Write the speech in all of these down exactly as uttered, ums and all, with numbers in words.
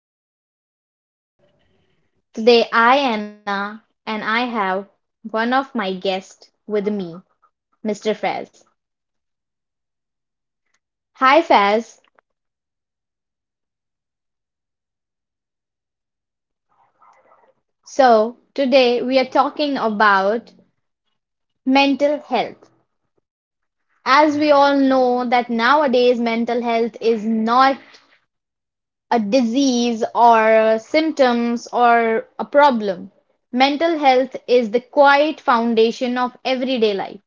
Podcast. Today, I, Anna, and I have one of my guests with me, Mister Fez. Hi, Fez. So, today we are talking about mental health. As we all know, that nowadays mental health is not a disease or symptoms or a problem. Mental health is the quiet foundation of everyday life.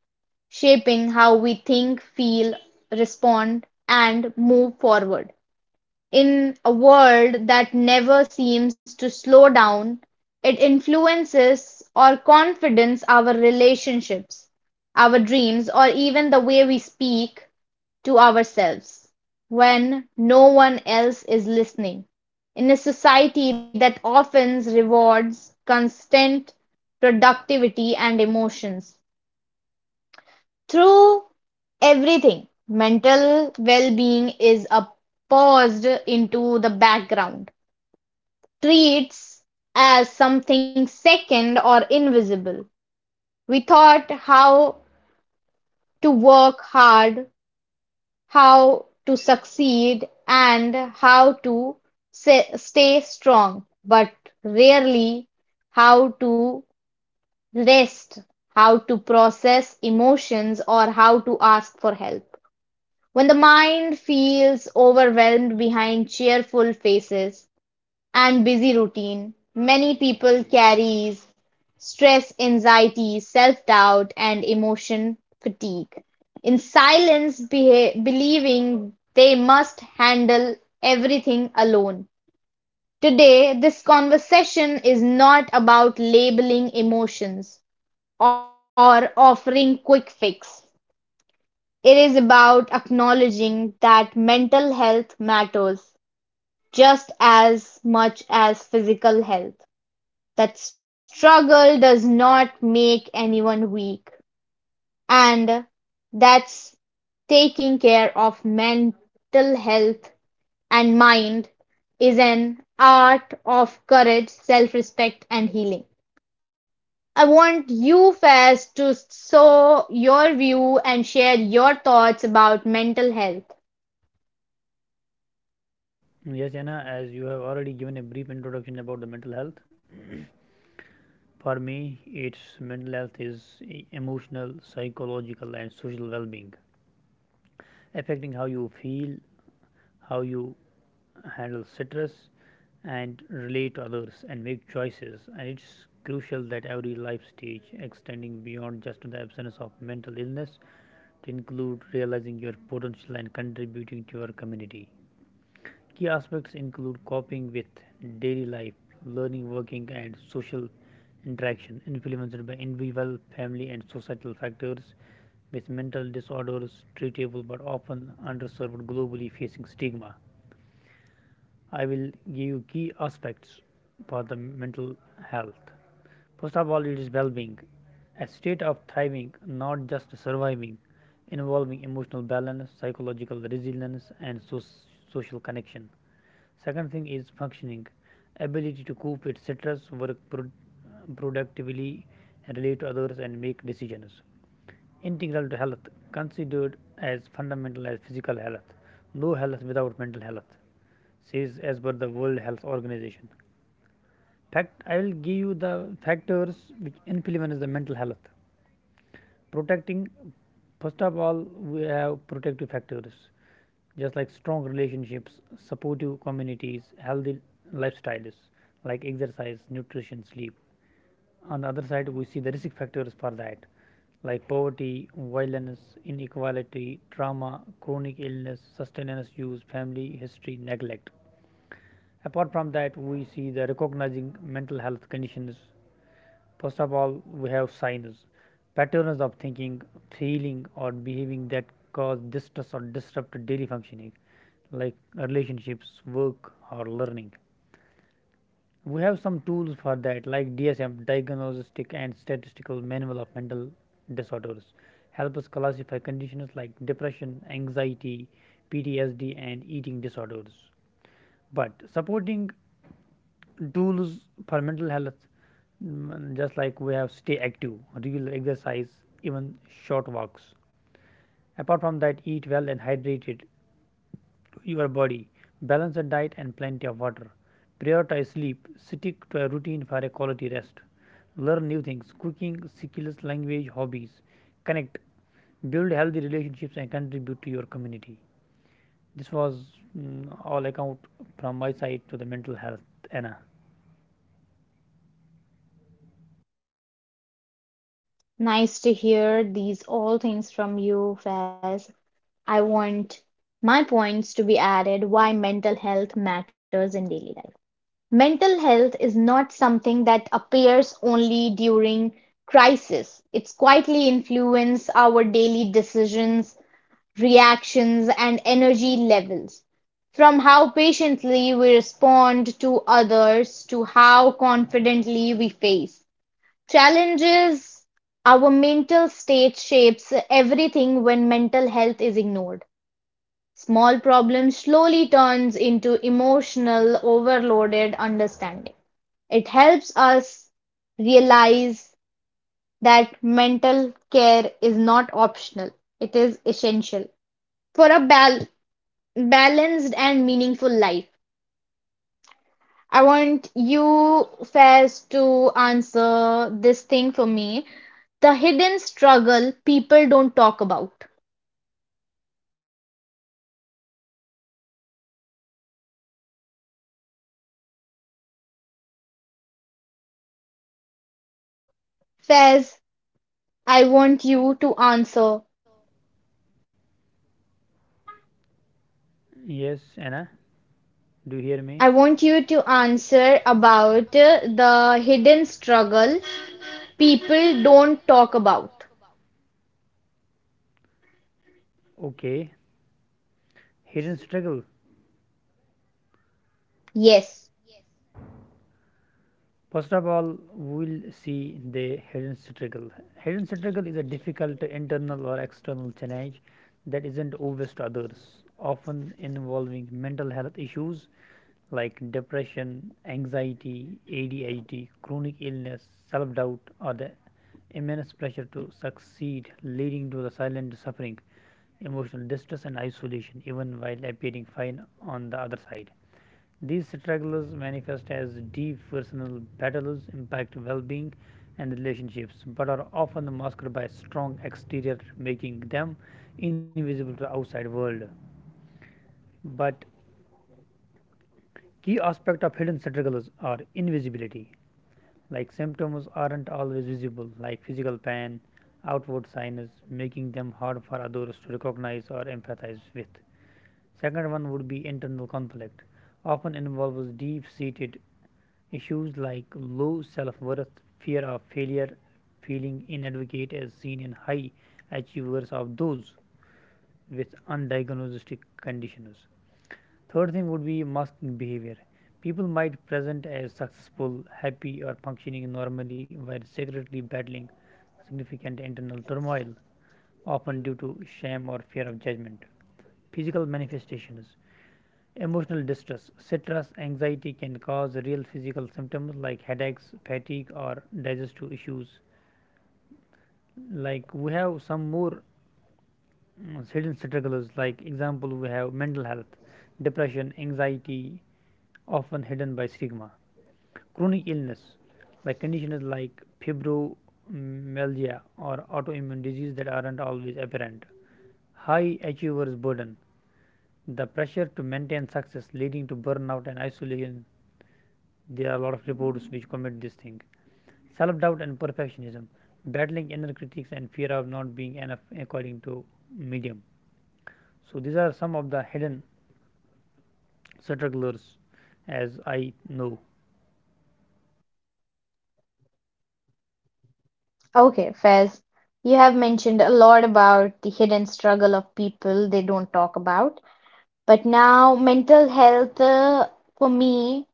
Shaping how we think, feel, respond, and move forward. In a world that never seems to slow down, it influences our confidence, our relationships, our dreams, or even the way we speak to ourselves when no one else is listening. In a society that often rewards constant productivity and emotions, through everything, mental well-being is a paused into the background, treats as something second or invisible. We thought how to work hard, how to succeed, and how to stay strong, but rarely how to rest, how to process emotions, or how to ask for help. When the mind feels overwhelmed behind cheerful faces and busy routine, many people carries stress, anxiety, self-doubt, and emotion fatigue. In silence, beha- believing they must handle everything alone. Today, this conversation is not about labeling emotions or offering quick fix. It is about acknowledging that mental health matters just as much as physical health, that struggle does not make anyone weak, that's taking care of mental health and mind is an art of courage, self respect, and healing. I want you, Faz, to show your view and share your thoughts about mental health. Yes, Anna. As you have already given a brief introduction about the mental health, for me, it's mental health is e- emotional, psychological, and social well being, affecting how you feel, how you handle stress, and relate to others and make choices. And it's crucial that every life stage, extending beyond just the absence of mental illness, to include realizing your potential and contributing to your community. Key aspects include coping with daily life, learning, working, and social interaction, influenced by individual, family, and societal factors. With mental disorders treatable but often underserved globally, facing stigma. I will give you key aspects for the mental health. First of all, it is well being, a state of thriving, not just surviving, involving emotional balance, psychological resilience, and so- social connection. Second thing is functioning, ability to cope with stress, work pro- productively, relate to others, and make decisions. Integral to health, considered as fundamental as physical health. No health without mental health, says as per the World Health Organization. Fact, I will give you the factors which influence the mental health. Protecting, first of all, we have protective factors, just like strong relationships, supportive communities, healthy lifestyles, like exercise, nutrition, sleep. On the other side, we see the risk factors for that, like poverty, violence, inequality, trauma, chronic illness, sustenance use, family history, neglect. Apart from that, we see the recognizing mental health conditions. First of all, we have signs, patterns of thinking, feeling, or behaving that cause distress or disrupt daily functioning, like relationships, work, or learning. We have some tools for that, like D S M, Diagnostic and Statistical Manual of Mental Disorders, help us classify conditions like depression, anxiety, P T S D, and eating disorders. But supporting tools for mental health, mm, just like we have stay active, regular exercise, even short walks. Apart from that, eat well and hydrated your body, balance a diet and plenty of water, prioritize sleep, stick to a routine for a quality rest, learn new things, cooking skills, language, hobbies, connect, build healthy relationships and contribute to your community. This was mm, all account from my side to the mental health, Anna. Nice to hear these all things from you, Faz. I want my points to be added why mental health matters in daily life. Mental health is not something that appears only during crisis. It's quietly influence our daily decisions, reactions, and energy levels. From how patiently we respond to others to how confidently we face challenges. Our mental state shapes everything when mental health is ignored. Small problems slowly turns into emotional overloaded understanding. It helps us realize that mental care is not optional. It is essential for a bal- balanced and meaningful life. I want you, Faiz, to answer this thing for me. The hidden struggle people don't talk about. There are basically hidden struggle like trauma, childhood trauma. Like, Faiz, uh, I want yes, you to answer. yes, yes, Anna, do you hear me? I want you to answer about uh, the hidden struggle people don't talk about. Okay, hidden struggle. Yes. First of all, we'll see the hidden struggle. Hidden struggle is a difficult internal or external challenge that isn't obvious to others, often involving mental health issues like depression, anxiety, A D H D, chronic illness, self doubt, or the immense pressure to succeed, leading to the silent suffering, emotional distress, and isolation, even while appearing fine on the other side. These struggles manifest as deep personal battles, impact well being and relationships, but are often masked by strong exterior, making them invisible to the outside world. But key aspect of hidden struggles are invisibility. Like symptoms aren't always visible like physical pain outward signs, making them hard for others to recognize or empathize with. Second one would be internal conflict, often involves deep seated issues like low self worth, fear of failure, feeling inadequate as seen in high achievers of those with undiagnosed conditions. Third thing would be masking behavior. People might present as successful, happy, or functioning normally while secretly battling significant internal turmoil, often due to shame or fear of judgment. Physical manifestations. Emotional distress, stress, anxiety can cause real physical symptoms like headaches, fatigue, or digestive issues. Like we have some more mm, hidden struggles, like example, we have mental health, depression, anxiety, often hidden by stigma. Chronic illness, like conditions like fibromyalgia or autoimmune disease that aren't always apparent. High achievers burden, the pressure to maintain success leading to burnout and isolation. There are a lot of reports which commit this thing. Self doubt and perfectionism, battling inner critics and fear of not being enough according to medium. So these are some of the hidden strugglers as I know. Okay, Faiz, you have mentioned a lot about the hidden struggle of people they don't talk about. But now, mental health uh, for me,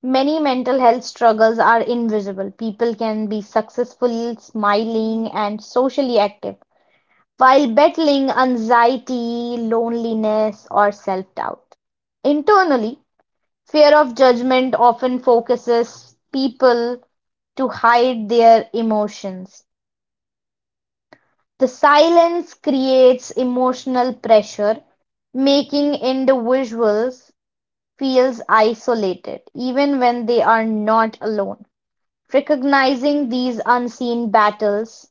many mental health struggles are invisible; people can be successful, smiling, and socially active, while battling anxiety, loneliness, or self-doubt. Internally, fear of judgment often focuses people to hide their emotions. The silence creates emotional pressure, making individuals feel isolated, even when they are not alone. Recognizing these unseen battles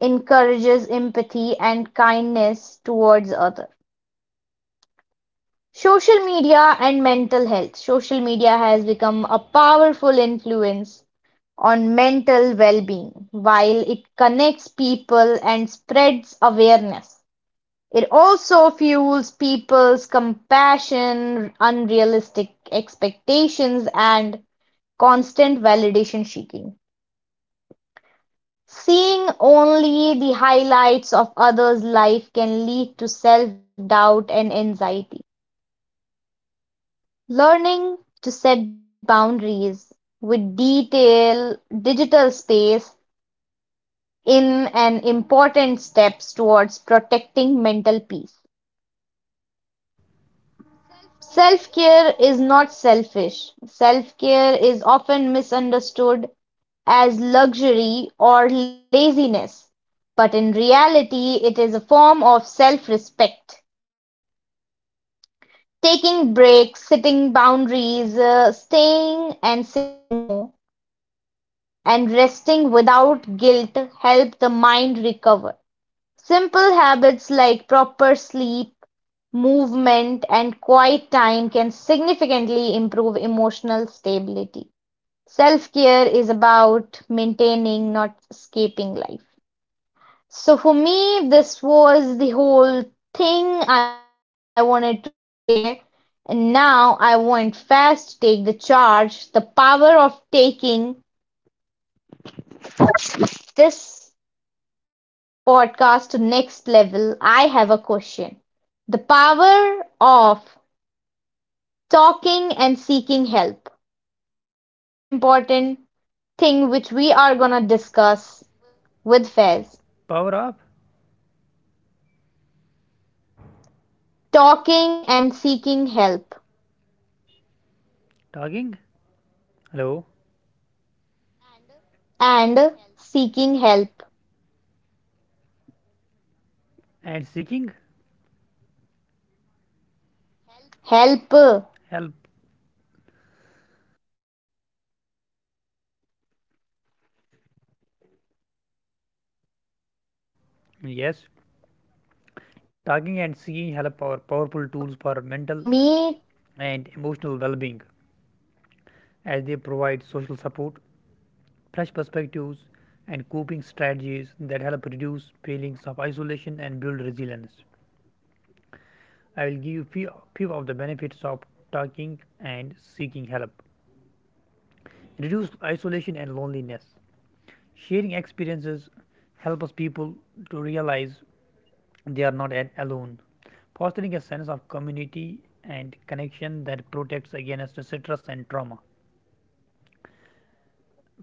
encourages empathy and kindness towards others. Social media and mental health. Social media has become a powerful influence on mental well-being. While it connects people and spreads awareness, it also fuels people's compassion, unrealistic expectations, and constant validation seeking. Seeing only the highlights of others' life can lead to self-doubt and anxiety. Learning to set boundaries with detail, digital space in an important steps towards protecting mental peace. Self-care is not selfish. Self-care is often misunderstood as luxury or laziness, but in reality it is a form of self-respect. Taking breaks, setting boundaries, uh, staying and saying no, and resting without guilt help the recover. Simple habits like proper sleep, movement, and quiet time can significantly improve emotional stability. Self care is about maintaining, not escaping life. So for me, this was the whole thing I wanted to say. And now I want Faz to take the charge, the power of taking this podcast to next level. I have a question. The power of talking and seeking help. It's the most important thing which we are going to discuss with Fez. Power up, Talking and seeking help. talking, hello, And seeking help. and seeking Help. help. Yes. Talking and singing help are powerful tools Okay, for as per mental me, and emotional well being, as they provide social support, fresh perspectives, and coping strategies that help reduce feelings of isolation and build resilience. I will give you few, few of the benefits of talking and seeking help. Reduce isolation and loneliness. Sharing experiences helps people to realize they are not alone, fostering a sense of community and connection that protects against stress and trauma.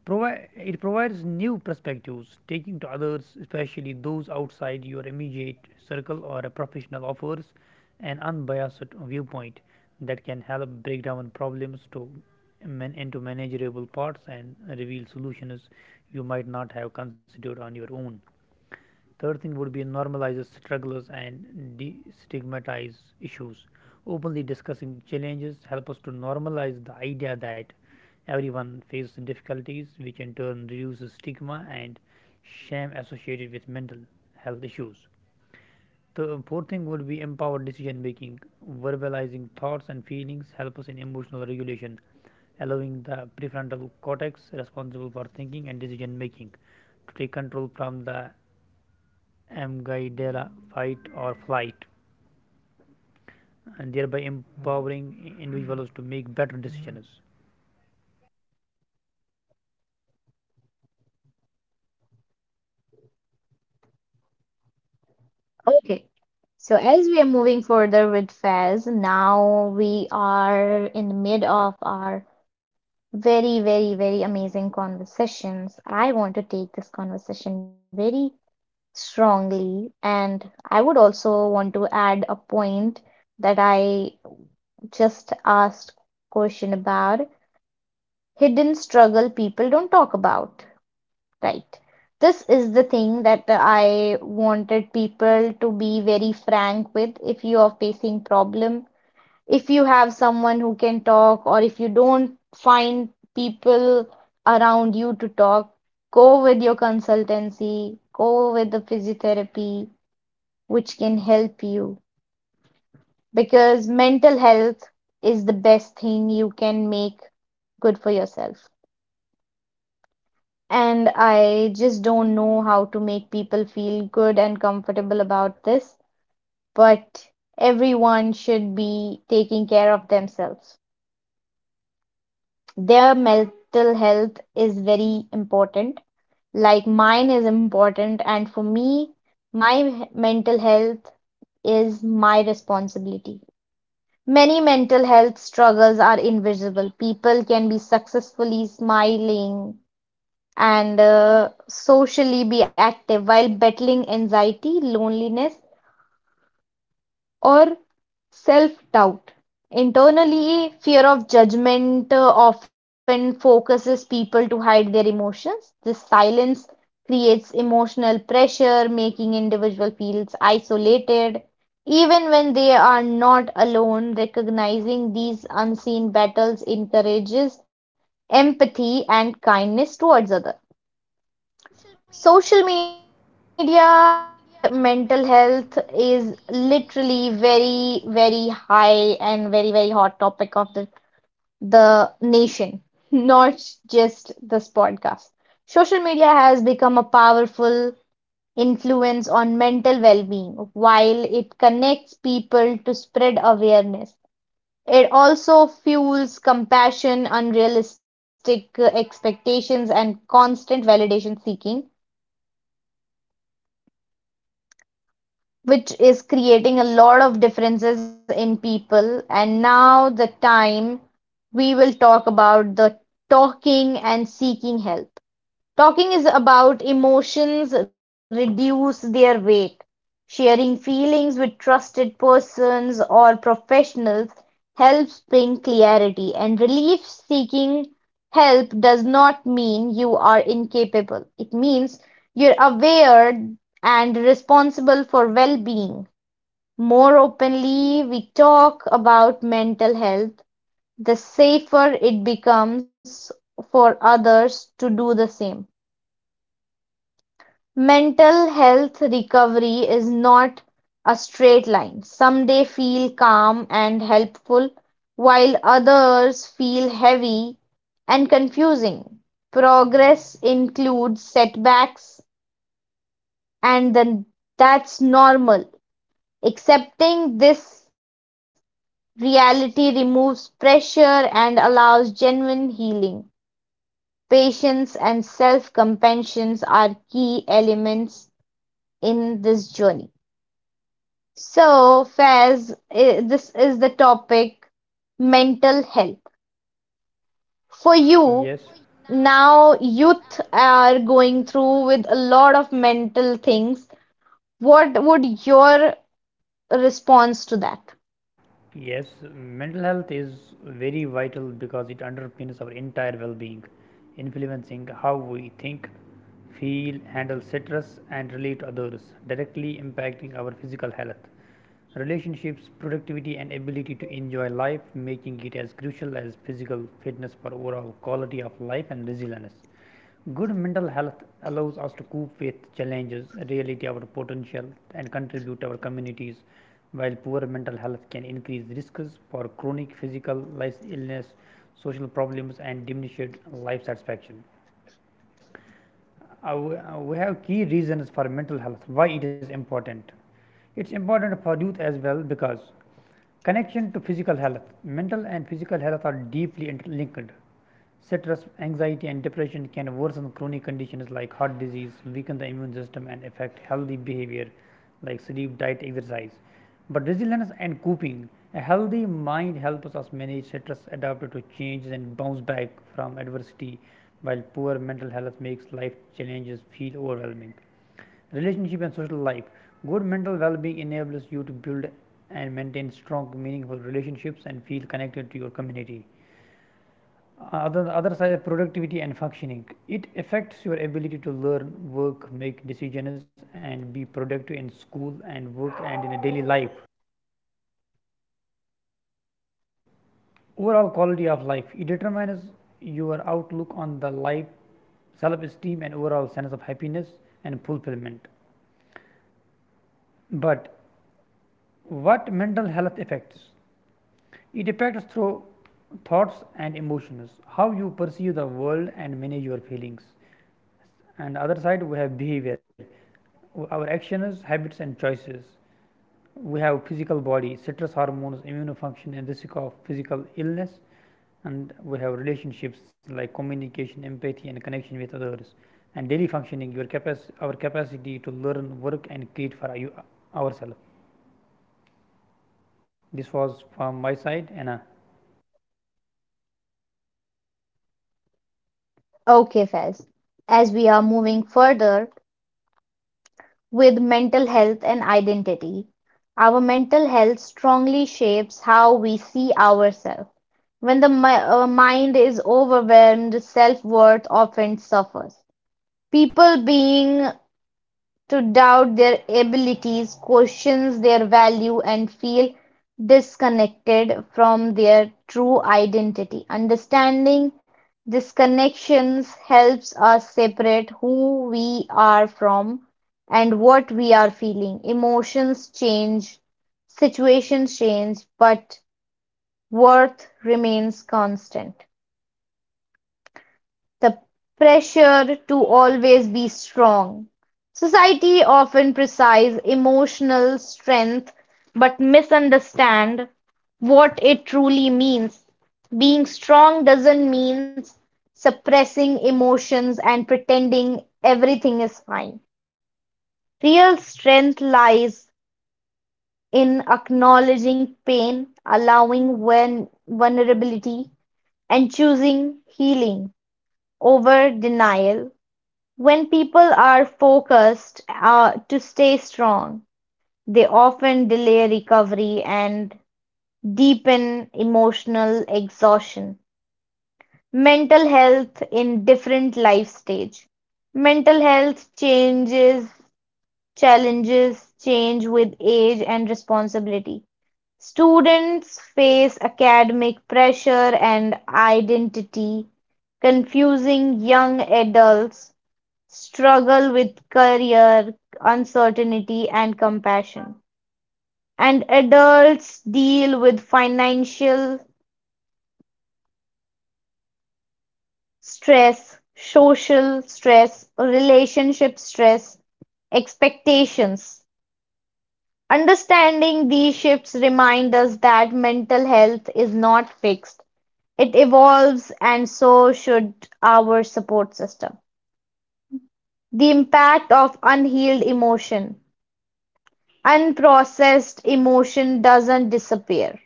Provi- it provides new perspectives, taking to others, especially those outside your immediate circle or a professional, offers an unbiased viewpoint that can help break down problems to man- into manageable parts and reveal solutions you might not have considered on your own. Third thing would be normalizes struggles and destigmatize issues. Openly discussing challenges help us to normalize the idea that everyone faces difficulties, which in turn reduces stigma and shame associated with mental health issues. The fourth thing would be empowered decision making. Verbalizing thoughts and feelings help us in emotional regulation, allowing the prefrontal cortex responsible for thinking and decision making to take control from the amygdala, fight or flight, and thereby empowering individuals to make better decisions. okay. So as we are moving further with Fez, now we are in the mid of our very, very, very amazing conversations. I want to take this conversation very strongly, and I would also want to add a point that I just asked question about hidden struggle people don't talk about. Right. This is the thing that I wanted people to be very frank with. If you are facing problem, if you have someone who can talk, or if you don't find people around you to talk, go with your consultancy, go with the physiotherapy, which can help you. Because mental health is the best thing you can make good for yourself. And I just don't know how to make people feel good and comfortable about this, but everyone should be taking care of themselves. Their mental health is very important, like mine is important, and for me, my mental health is my responsibility. Many mental health struggles are invisible. People can be successfully smiling and uh, socially be active while battling anxiety, loneliness, or self-doubt. Internally, fear of judgment uh, often focuses people to hide their emotions. This silence creates emotional pressure, making individual feels isolated. Even when they are not alone, recognizing these unseen battles encourages empathy and kindness towards others. Social media and mental health is literally very, very high and very, very hot topic of the, the nation, not just this podcast. Social media has become a powerful influence on mental well-being. While it connects people to spread awareness, it also fuels compassion, unrealistic expectations, and constant validation seeking which is creating a lot of differences in people. And now the time we will talk about the talking and seeking help. Talking is about emotions reduce their weight, sharing feelings with trusted persons or professionals helps bring clarity, and relief seeking does not mean you are incapable. It means you're aware and responsible for well being. More openly we talk about mental health, the safer it becomes for others to do the same. Mental health recovery is not a straight line; some days feel calm and helpful, while others feel heavy and confusing. Progress includes setbacks, and then that's normal. Accepting this reality removes pressure and allows genuine healing. Patience and self-compassion are key elements in this journey. So, Faz, i- this is the topic mental health. For Yes. you, now youth are going through with a lot of mental things. What would your response to that? Yes, mental health is very vital because it underpins our entire well being, influencing how we think, feel, handle stress, and relate to others, directly impacting our physical health, relationships, productivity, and ability to enjoy life, making it as crucial as physical fitness for overall quality of life and resilience. Good mental health allows us to cope with challenges, reality our potential, and contribute our communities, while poor mental health can increase risks for chronic physical life illness, social problems, and diminished life satisfaction. Uh, we- uh, have key reasons for mental health, why it is important. It's important for youth as well because connection to physical health, mental and physical health are deeply interlinked. Stress, anxiety, and depression can worsen chronic conditions like heart disease, weaken the immune system, and affect healthy behavior like sleep, diet, exercise. But resilience and coping, a healthy mind helps us manage stress, adapt to changes, and bounce back from adversity, while poor mental health makes life challenges feel overwhelming. Relationship and social life, good mental well being enables you to build and maintain strong, meaningful relationships and feel connected to your community. Other other side, productivity and functioning, it affects your ability to learn, work, make decisions and be productive in school and work and in a daily life. Overall quality of life, it determines your outlook on the life, self esteem and overall sense of happiness and fulfillment. But what mental health affects, it affects through thoughts and emotions, how you perceive the world and manage your feelings. And other side we have behavior, our actions, habits, and choices. We have physical body, stress hormones, immune function, and risk of physical illness. And we have relationships like communication, empathy, and connection with others. And daily functioning, your capac- our capacity to learn, work, and create for you, ourselves. This was from my side, Anna. Okay, Faz. As we are moving further with mental health and identity, our mental health strongly shapes how we see ourselves. When the mi- uh, mind is overwhelmed, self-worth often suffers. People begin to doubt their abilities, question their value, and feel disconnected from their true identity. Understanding these connections helps us separate who we are from and what we are feeling. Emotions change, situations change, but worth remains constant. The pressure to always be strong. Society often praises emotional strength but misunderstand what it truly means. Being strong doesn't mean suppressing emotions and pretending everything is fine. Real strength lies in acknowledging pain, allowing vulnerability, and choosing healing over denial. When people are focused uh, to stay strong, they often delay recovery and deepen emotional exhaustion. Mental health in different life stage. Mental health changes, challenges change with age and responsibility. Students face academic pressure and identity, confusing young adults struggle with career uncertainty and compassion, and adults deal with financial stress, social stress, relationship stress, expectations. Understanding these shifts reminds us that mental health is not fixed. It evolves and so should our support system. The impact of unhealed emotion. Unprocessed emotion doesn't disappear;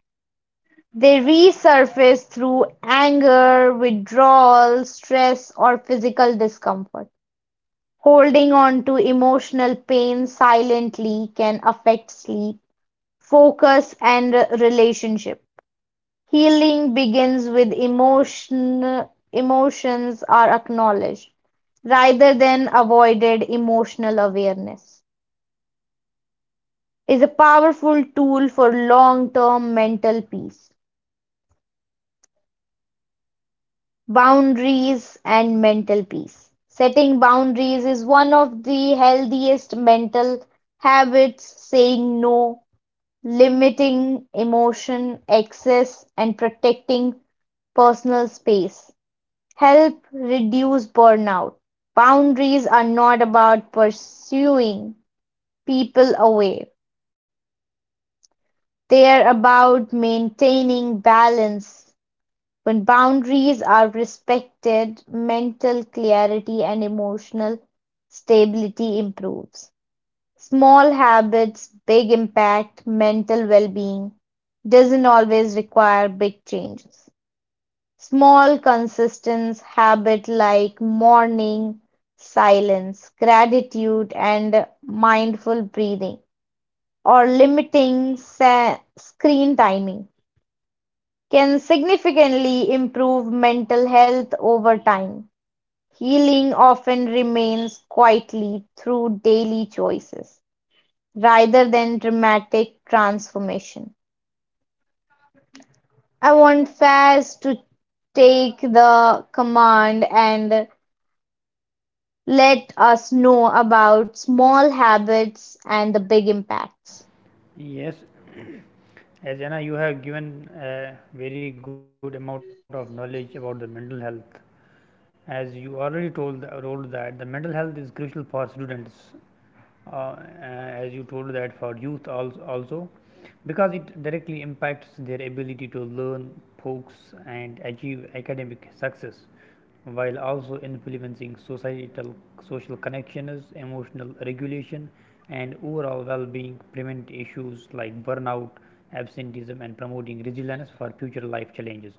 they resurface through anger, withdrawal, stress, or physical discomfort. Holding on to emotional pain silently can affect sleep, focus, and relationship. Healing begins with emotion, emotions are acknowledged rather than avoided emotional awareness. Is a powerful tool for long-term mental peace. Boundaries and mental peace. Setting boundaries is one of the healthiest mental habits, saying no, limiting emotion excess, and protecting personal space. Help reduce burnout. Boundaries are not about pursuing people away. They are about maintaining balance. When boundaries are respected, mental clarity and emotional stability improves. Small habits, big impact, mental well-being doesn't always require big changes. Small, consistent habit like morning silence, gratitude, and mindful breathing, or limiting sa- screen timing can significantly improve mental health over time. Healing often remains quietly through daily choices rather than dramatic transformation. I want Faz to take the command and let us know about small habits and the big impacts. Yes, as Anna, you have given a very good amount of knowledge about the mental health. As you already told, told that the mental health is crucial for students, uh, uh, as you told that for youth als- also because it directly impacts their ability to learn, focus and achieve academic success, while also influencing societal, social connections, emotional regulation, and overall well being, prevent issues like burnout, absenteeism, and promoting resilience for future life challenges.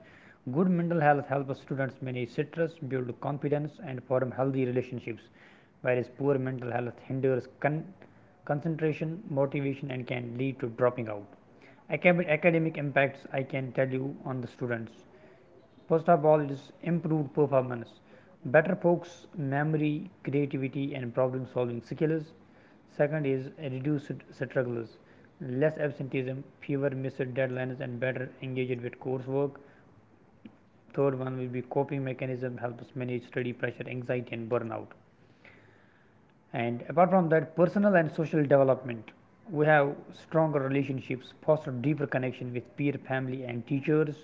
Good mental health helps students manage stress, build confidence, and form healthy relationships, whereas poor mental health hinders con- concentration, motivation, and can lead to dropping out. Acad- academic impacts I can tell you on the students. First of all, it is improved performance, better focus, memory, creativity, and problem solving skills. Second is reduced struggles, less absenteeism, fewer missed deadlines, and better engaged with coursework. Third one will be coping mechanism, helps manage study pressure, anxiety, and burnout. And apart from that, personal and social development. We have stronger relationships, foster deeper connection with peer, family, and teachers.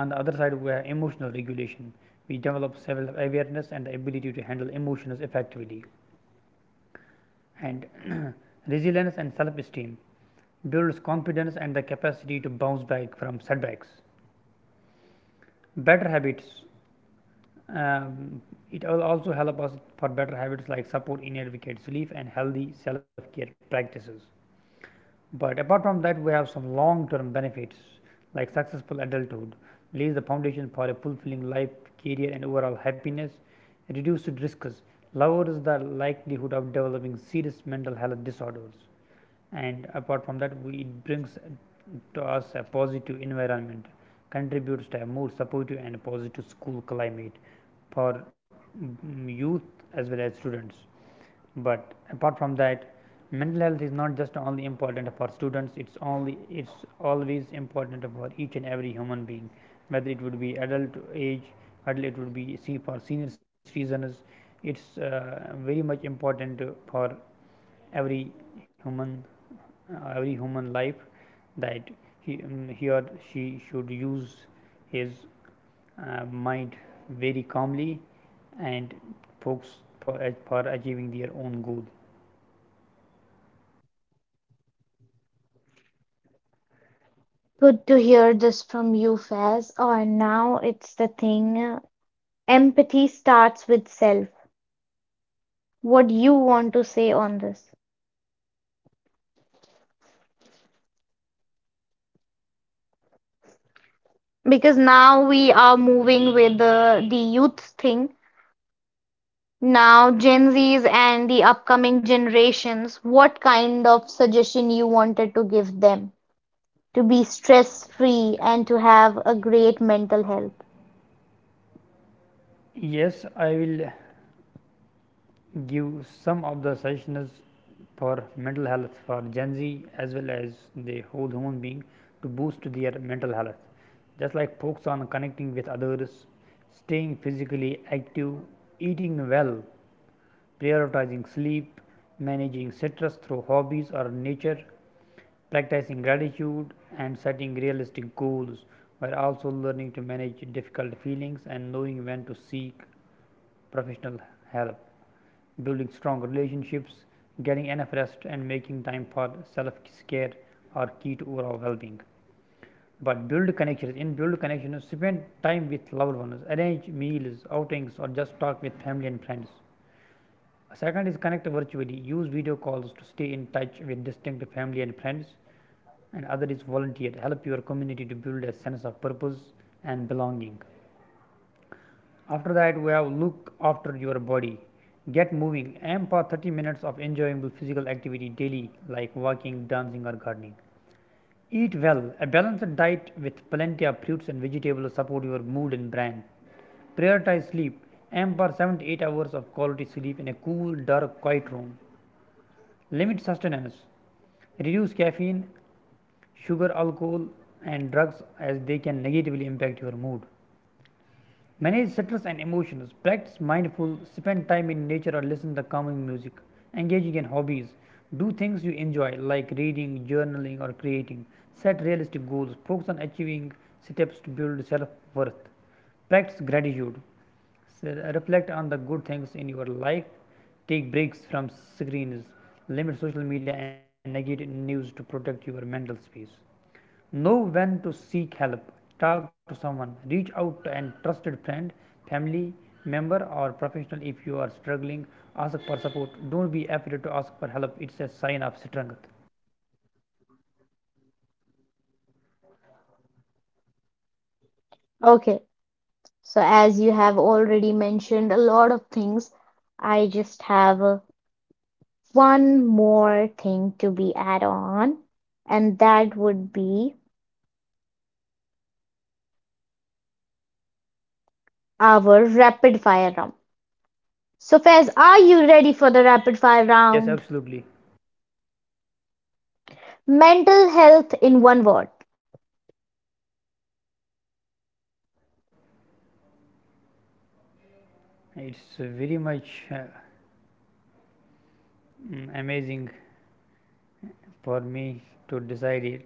On the other side we have emotional regulation. We develop self-awareness and the ability to handle emotions effectively and resilience and self-esteem builds confidence and the capacity to bounce back from setbacks. Better habits: um, it will also help us for better habits like support in advocate sleep and healthy self-care practices. But apart from that, we have some long term benefits like successful adulthood, lays the foundation for a fulfilling life, career, and overall happiness, reduced risks, lowers the likelihood of developing serious mental health disorders, and apart from that, we, it brings to us a positive environment, contributes to a more supportive and positive school climate for mm, youth as well as students. But apart from that, mental health is not just only important for students, it's only it's always important for each and every human being, whether it would be adult age, whether it would be see for senior citizens. It's uh, very much important for every human uh, every human life, that he um, he or she should use his uh, mind very calmly and focus for, for achieving their own goals. Good to hear this from you, Faz. Or now it's the thing. Empathy starts with self, what you want to say on this because now we are moving with the, the youth thing, now gen z's and the upcoming generations, what kind of suggestion you wanted to give them to be stress free and to have a great mental health. Yes, I will give some of the suggestions for mental health for Gen Z as well as the whole human being to boost their mental health. Just like focus on connecting with others, staying physically active, eating well, prioritizing sleep, managing stress through hobbies or nature, practicing gratitude, and setting realistic goals, while also learning to manage difficult feelings and knowing when to seek professional help. Building strong relationships, getting enough rest, and making time for self care are key to overall well being. But build connections. In build connections, spend time with loved ones, arrange meals, outings, or just talk with family and friends. Second is connect virtually. Use video calls to stay in touch with distant family and friends. And other is volunteer. Help your community to build a sense of purpose and belonging. After that, we have look after your body. Get moving. Aim for thirty minutes of enjoyable physical activity daily, like walking, dancing, or gardening. Eat well. A balanced diet with plenty of fruits and vegetables support your mood and brain. Prioritize sleep. Aim for seven to eight hours of quality sleep in a cool, dark, quiet room. Limit sustenance. Reduce caffeine, sugar, alcohol, and drugs as they can negatively impact your mood. Manage stress and emotions. Practice mindful, spend time in nature or listen to calming music. Engaging in hobbies. Do things you enjoy like reading, journaling or creating. Set realistic goals. Focus on achieving steps to build self-worth. Practice gratitude. Reflect on the good things in your life. Take breaks from screens. Limit social media and negative news to protect your mental space. Know when to seek help. Talk to someone. Reach out to a trusted friend, family member, or professional if you are struggling. Ask for support. Don't be afraid to ask for help. It's a sign of strength. Okay, so as you have already mentioned a lot of things, I just have uh, one more thing to be add on, and that would be our rapid fire round. So Faiz, are you ready for the rapid fire Yes, round? absolutely. Mental health in one word. It's uh, very much uh, mm, amazing for me to decide it.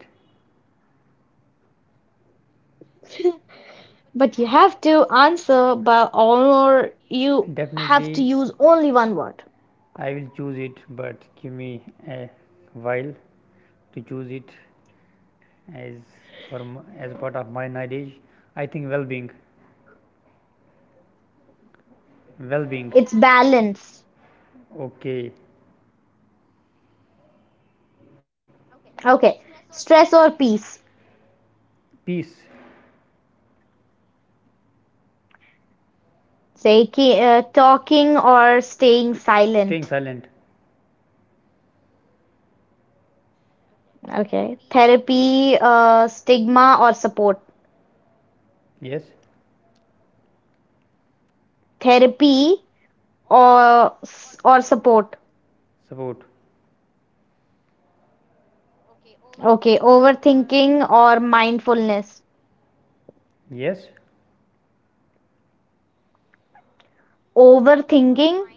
But you have to answer by or you have to Definitely, use only one word. I will choose it, but give me a while to choose it as for m- as part of my knowledge. I think well-being well being, It's balance. okay, Okay. Stress or peace? peace, Say uh, talking or staying staying silent. silent, Okay. Therapy, uh, stigma or support. yes, Therapy or or support. support, Okay. Overthinking or mindfulness. yes, Overthinking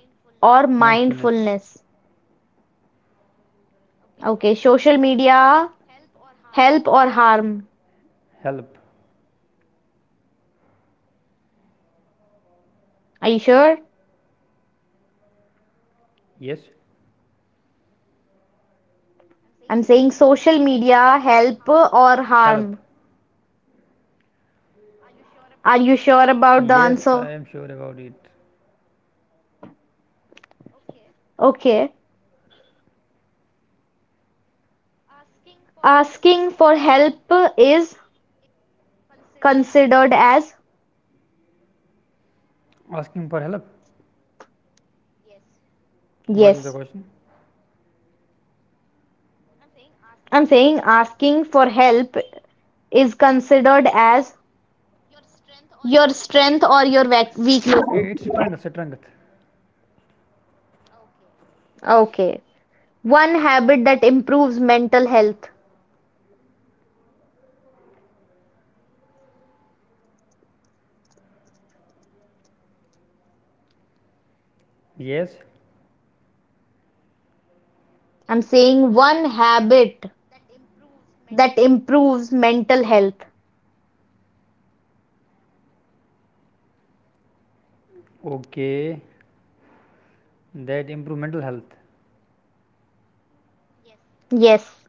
or mindfulness, mindfulness. Okay, social media, help or harm? help, Are you sure? yes, I'm saying social media help or help, harm. Are you sure about the yes, I answer? am sure about it. Okay, asking for help is considered as, Asking for help, what is the yes, question? I'm saying asking for help is considered as your strength or your wea- weakness. I- It's strength, strength, Okay, one habit that improves mental health. yes, I'm saying one habit that improves mental health. okay, that improve mental health. Yes,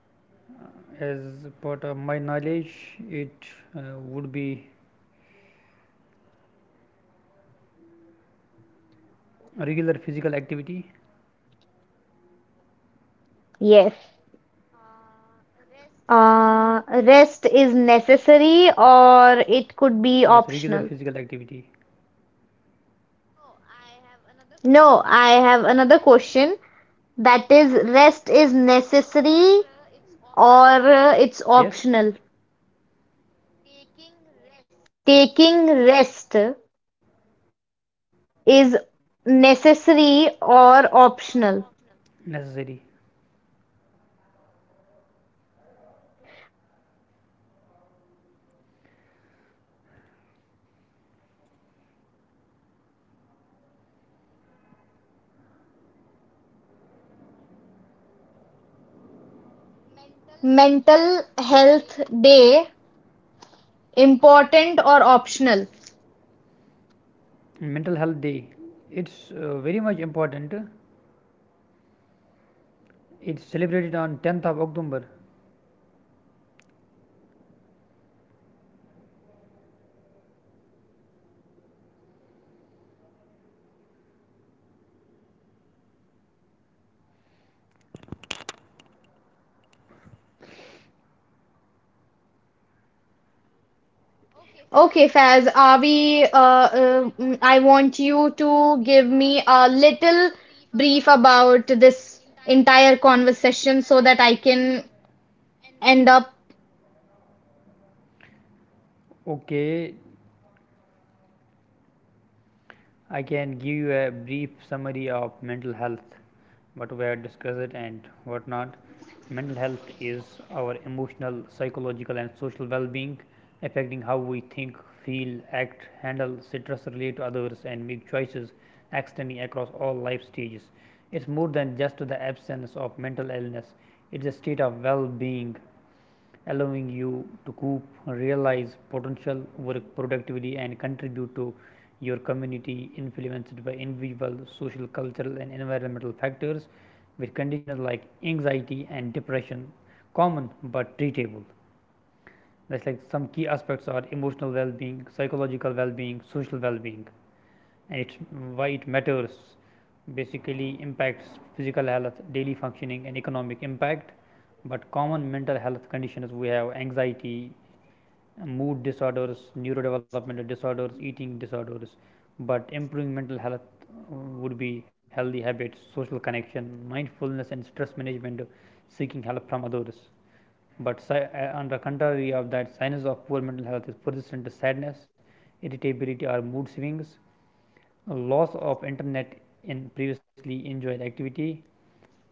As part of my knowledge, it uh, would be regular physical activity, yes. Uh, rest is necessary or it could be yes, optional. regular physical activity, No, I have another question. That is, rest is necessary or uh, it's yes, optional? Taking rest is necessary or necessary. optional? Mental Health Day: Important or optional? Mental Health Day. It's uh, very much important. It's celebrated on tenth of October. Okay, Faz, are we, uh, uh, mm, I want you to give me a little brief about this entire conversation so that I can end up. Okay, I can give you a brief summary of mental health, what we have discussed it and what not. Mental health is our emotional, psychological, and social well being, affecting how we think, feel, act, handle stress, relate to others, and make choices, extending across all life stages. It's more than just the absence of mental illness, it's a state of well being allowing you to coop, realize potential, work productively, and contribute to your community influenced by individual, social, cultural, and environmental factors with conditions like anxiety and depression common but treatable. That's like some key aspects are emotional well-being, psychological well-being, social well-being, and it's why it matters. Basically, impacts physical health, daily functioning, and economic impact. But common mental health conditions we have anxiety, mood disorders, neurodevelopmental disorders, eating disorders, but improving mental health uh, would be healthy habits, social connection, mindfulness, and stress management, uh, seeking help from others. But si- uh, on the contrary of that, signs of poor mental health is persistent sadness, irritability, or mood swings, loss of internet in previously enjoyed activity,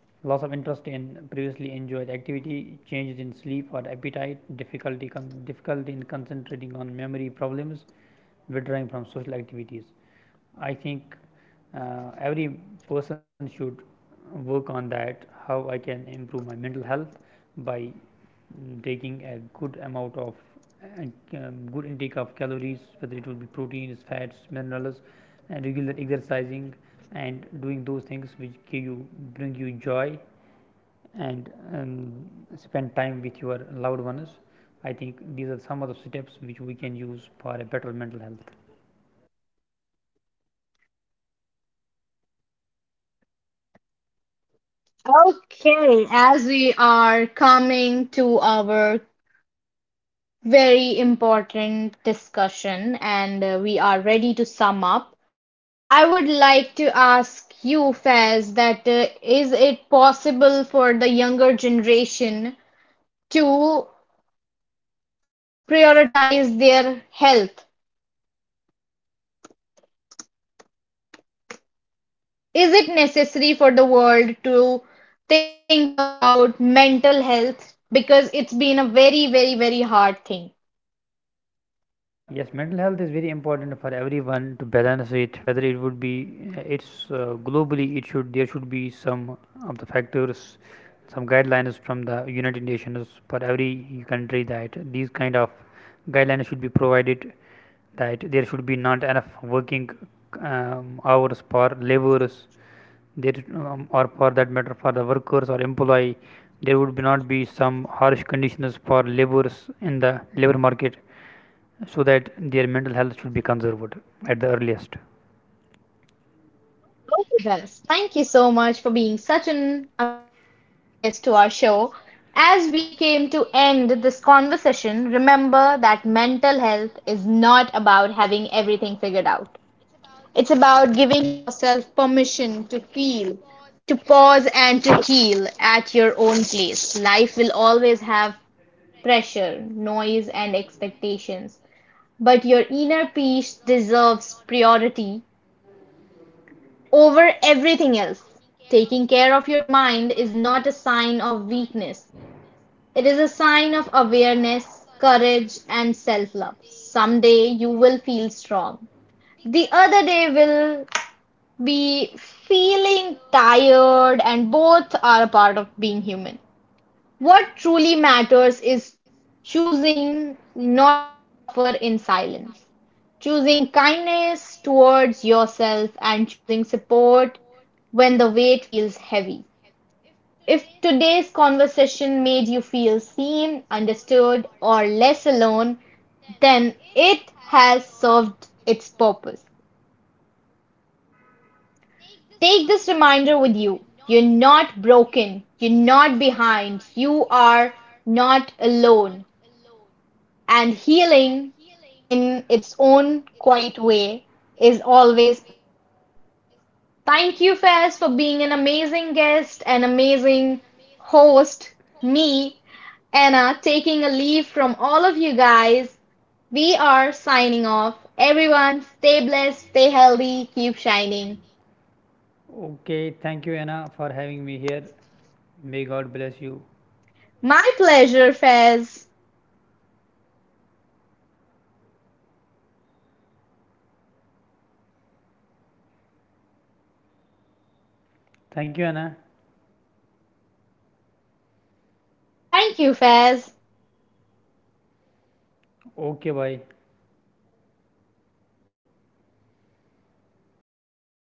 loss of interest in previously enjoyed activity, changes in sleep or appetite, difficulty con- difficulty in concentrating on memory problems, withdrawing from social activities. I think uh, every person should work on that how I can improve my mental health by mm, taking a good amount of and um, good intake of calories whether it would be proteins fats minerals and regular exercising and doing those things which give you bring you joy and um, spend time with your loved ones. I think these are some of the steps which we can use for a better mental health. Okay, as we are coming to our very important discussion and uh, we are ready to sum up, I would like to ask you, Fez, that uh, is it possible for the younger generation to prioritize their health? Is it necessary for the world to think about mental health? Because it's been a very, very, very hard thing. Yes, mental health is very important for everyone to balance it. Whether it would be, uh, it's uh, globally, it should there should be some of the factors, some guidelines from the United Nations for every country that these kind of guidelines should be provided. That there should be not enough working um, hours for laborers, there um, or for that matter for the workers or employee. There would be not be some harsh conditions for laborers in the labor market so that their mental health should be conserved at the earliest. All the best. Thank you so much for being such an amazing guest to our show. As we came to end this conversation, remember that mental health is not about having everything figured out. It's about giving yourself permission to feel, to pause, and to heal at your own place. Life will always have pressure, noise, and expectations, but your inner peace deserves priority over everything else. Taking care of your mind is not a sign of weakness. It is a sign of awareness, courage, and self love. Someday you will feel strong. The other day will be feeling tired, and both are a part of being human. What truly matters is choosing not to suffer in silence, choosing kindness towards yourself, and choosing support when the weight feels heavy. If today's conversation made you feel seen, understood, or less alone, then it has served its purpose. Take this reminder with you. You're not broken. You're not behind. You are not alone. And healing, in its own quiet way, is always possible. Thank you, Fez, for being an amazing guest, an amazing host, me, Anna, taking a leave from all of you guys. We signing off. Everyone, stay blessed, stay healthy, keep shining. Okay, thank you, Anna, for having me here. May God bless you. My pleasure, Fez. Thank you, Anna. Thank you, Fez. Okay, bye.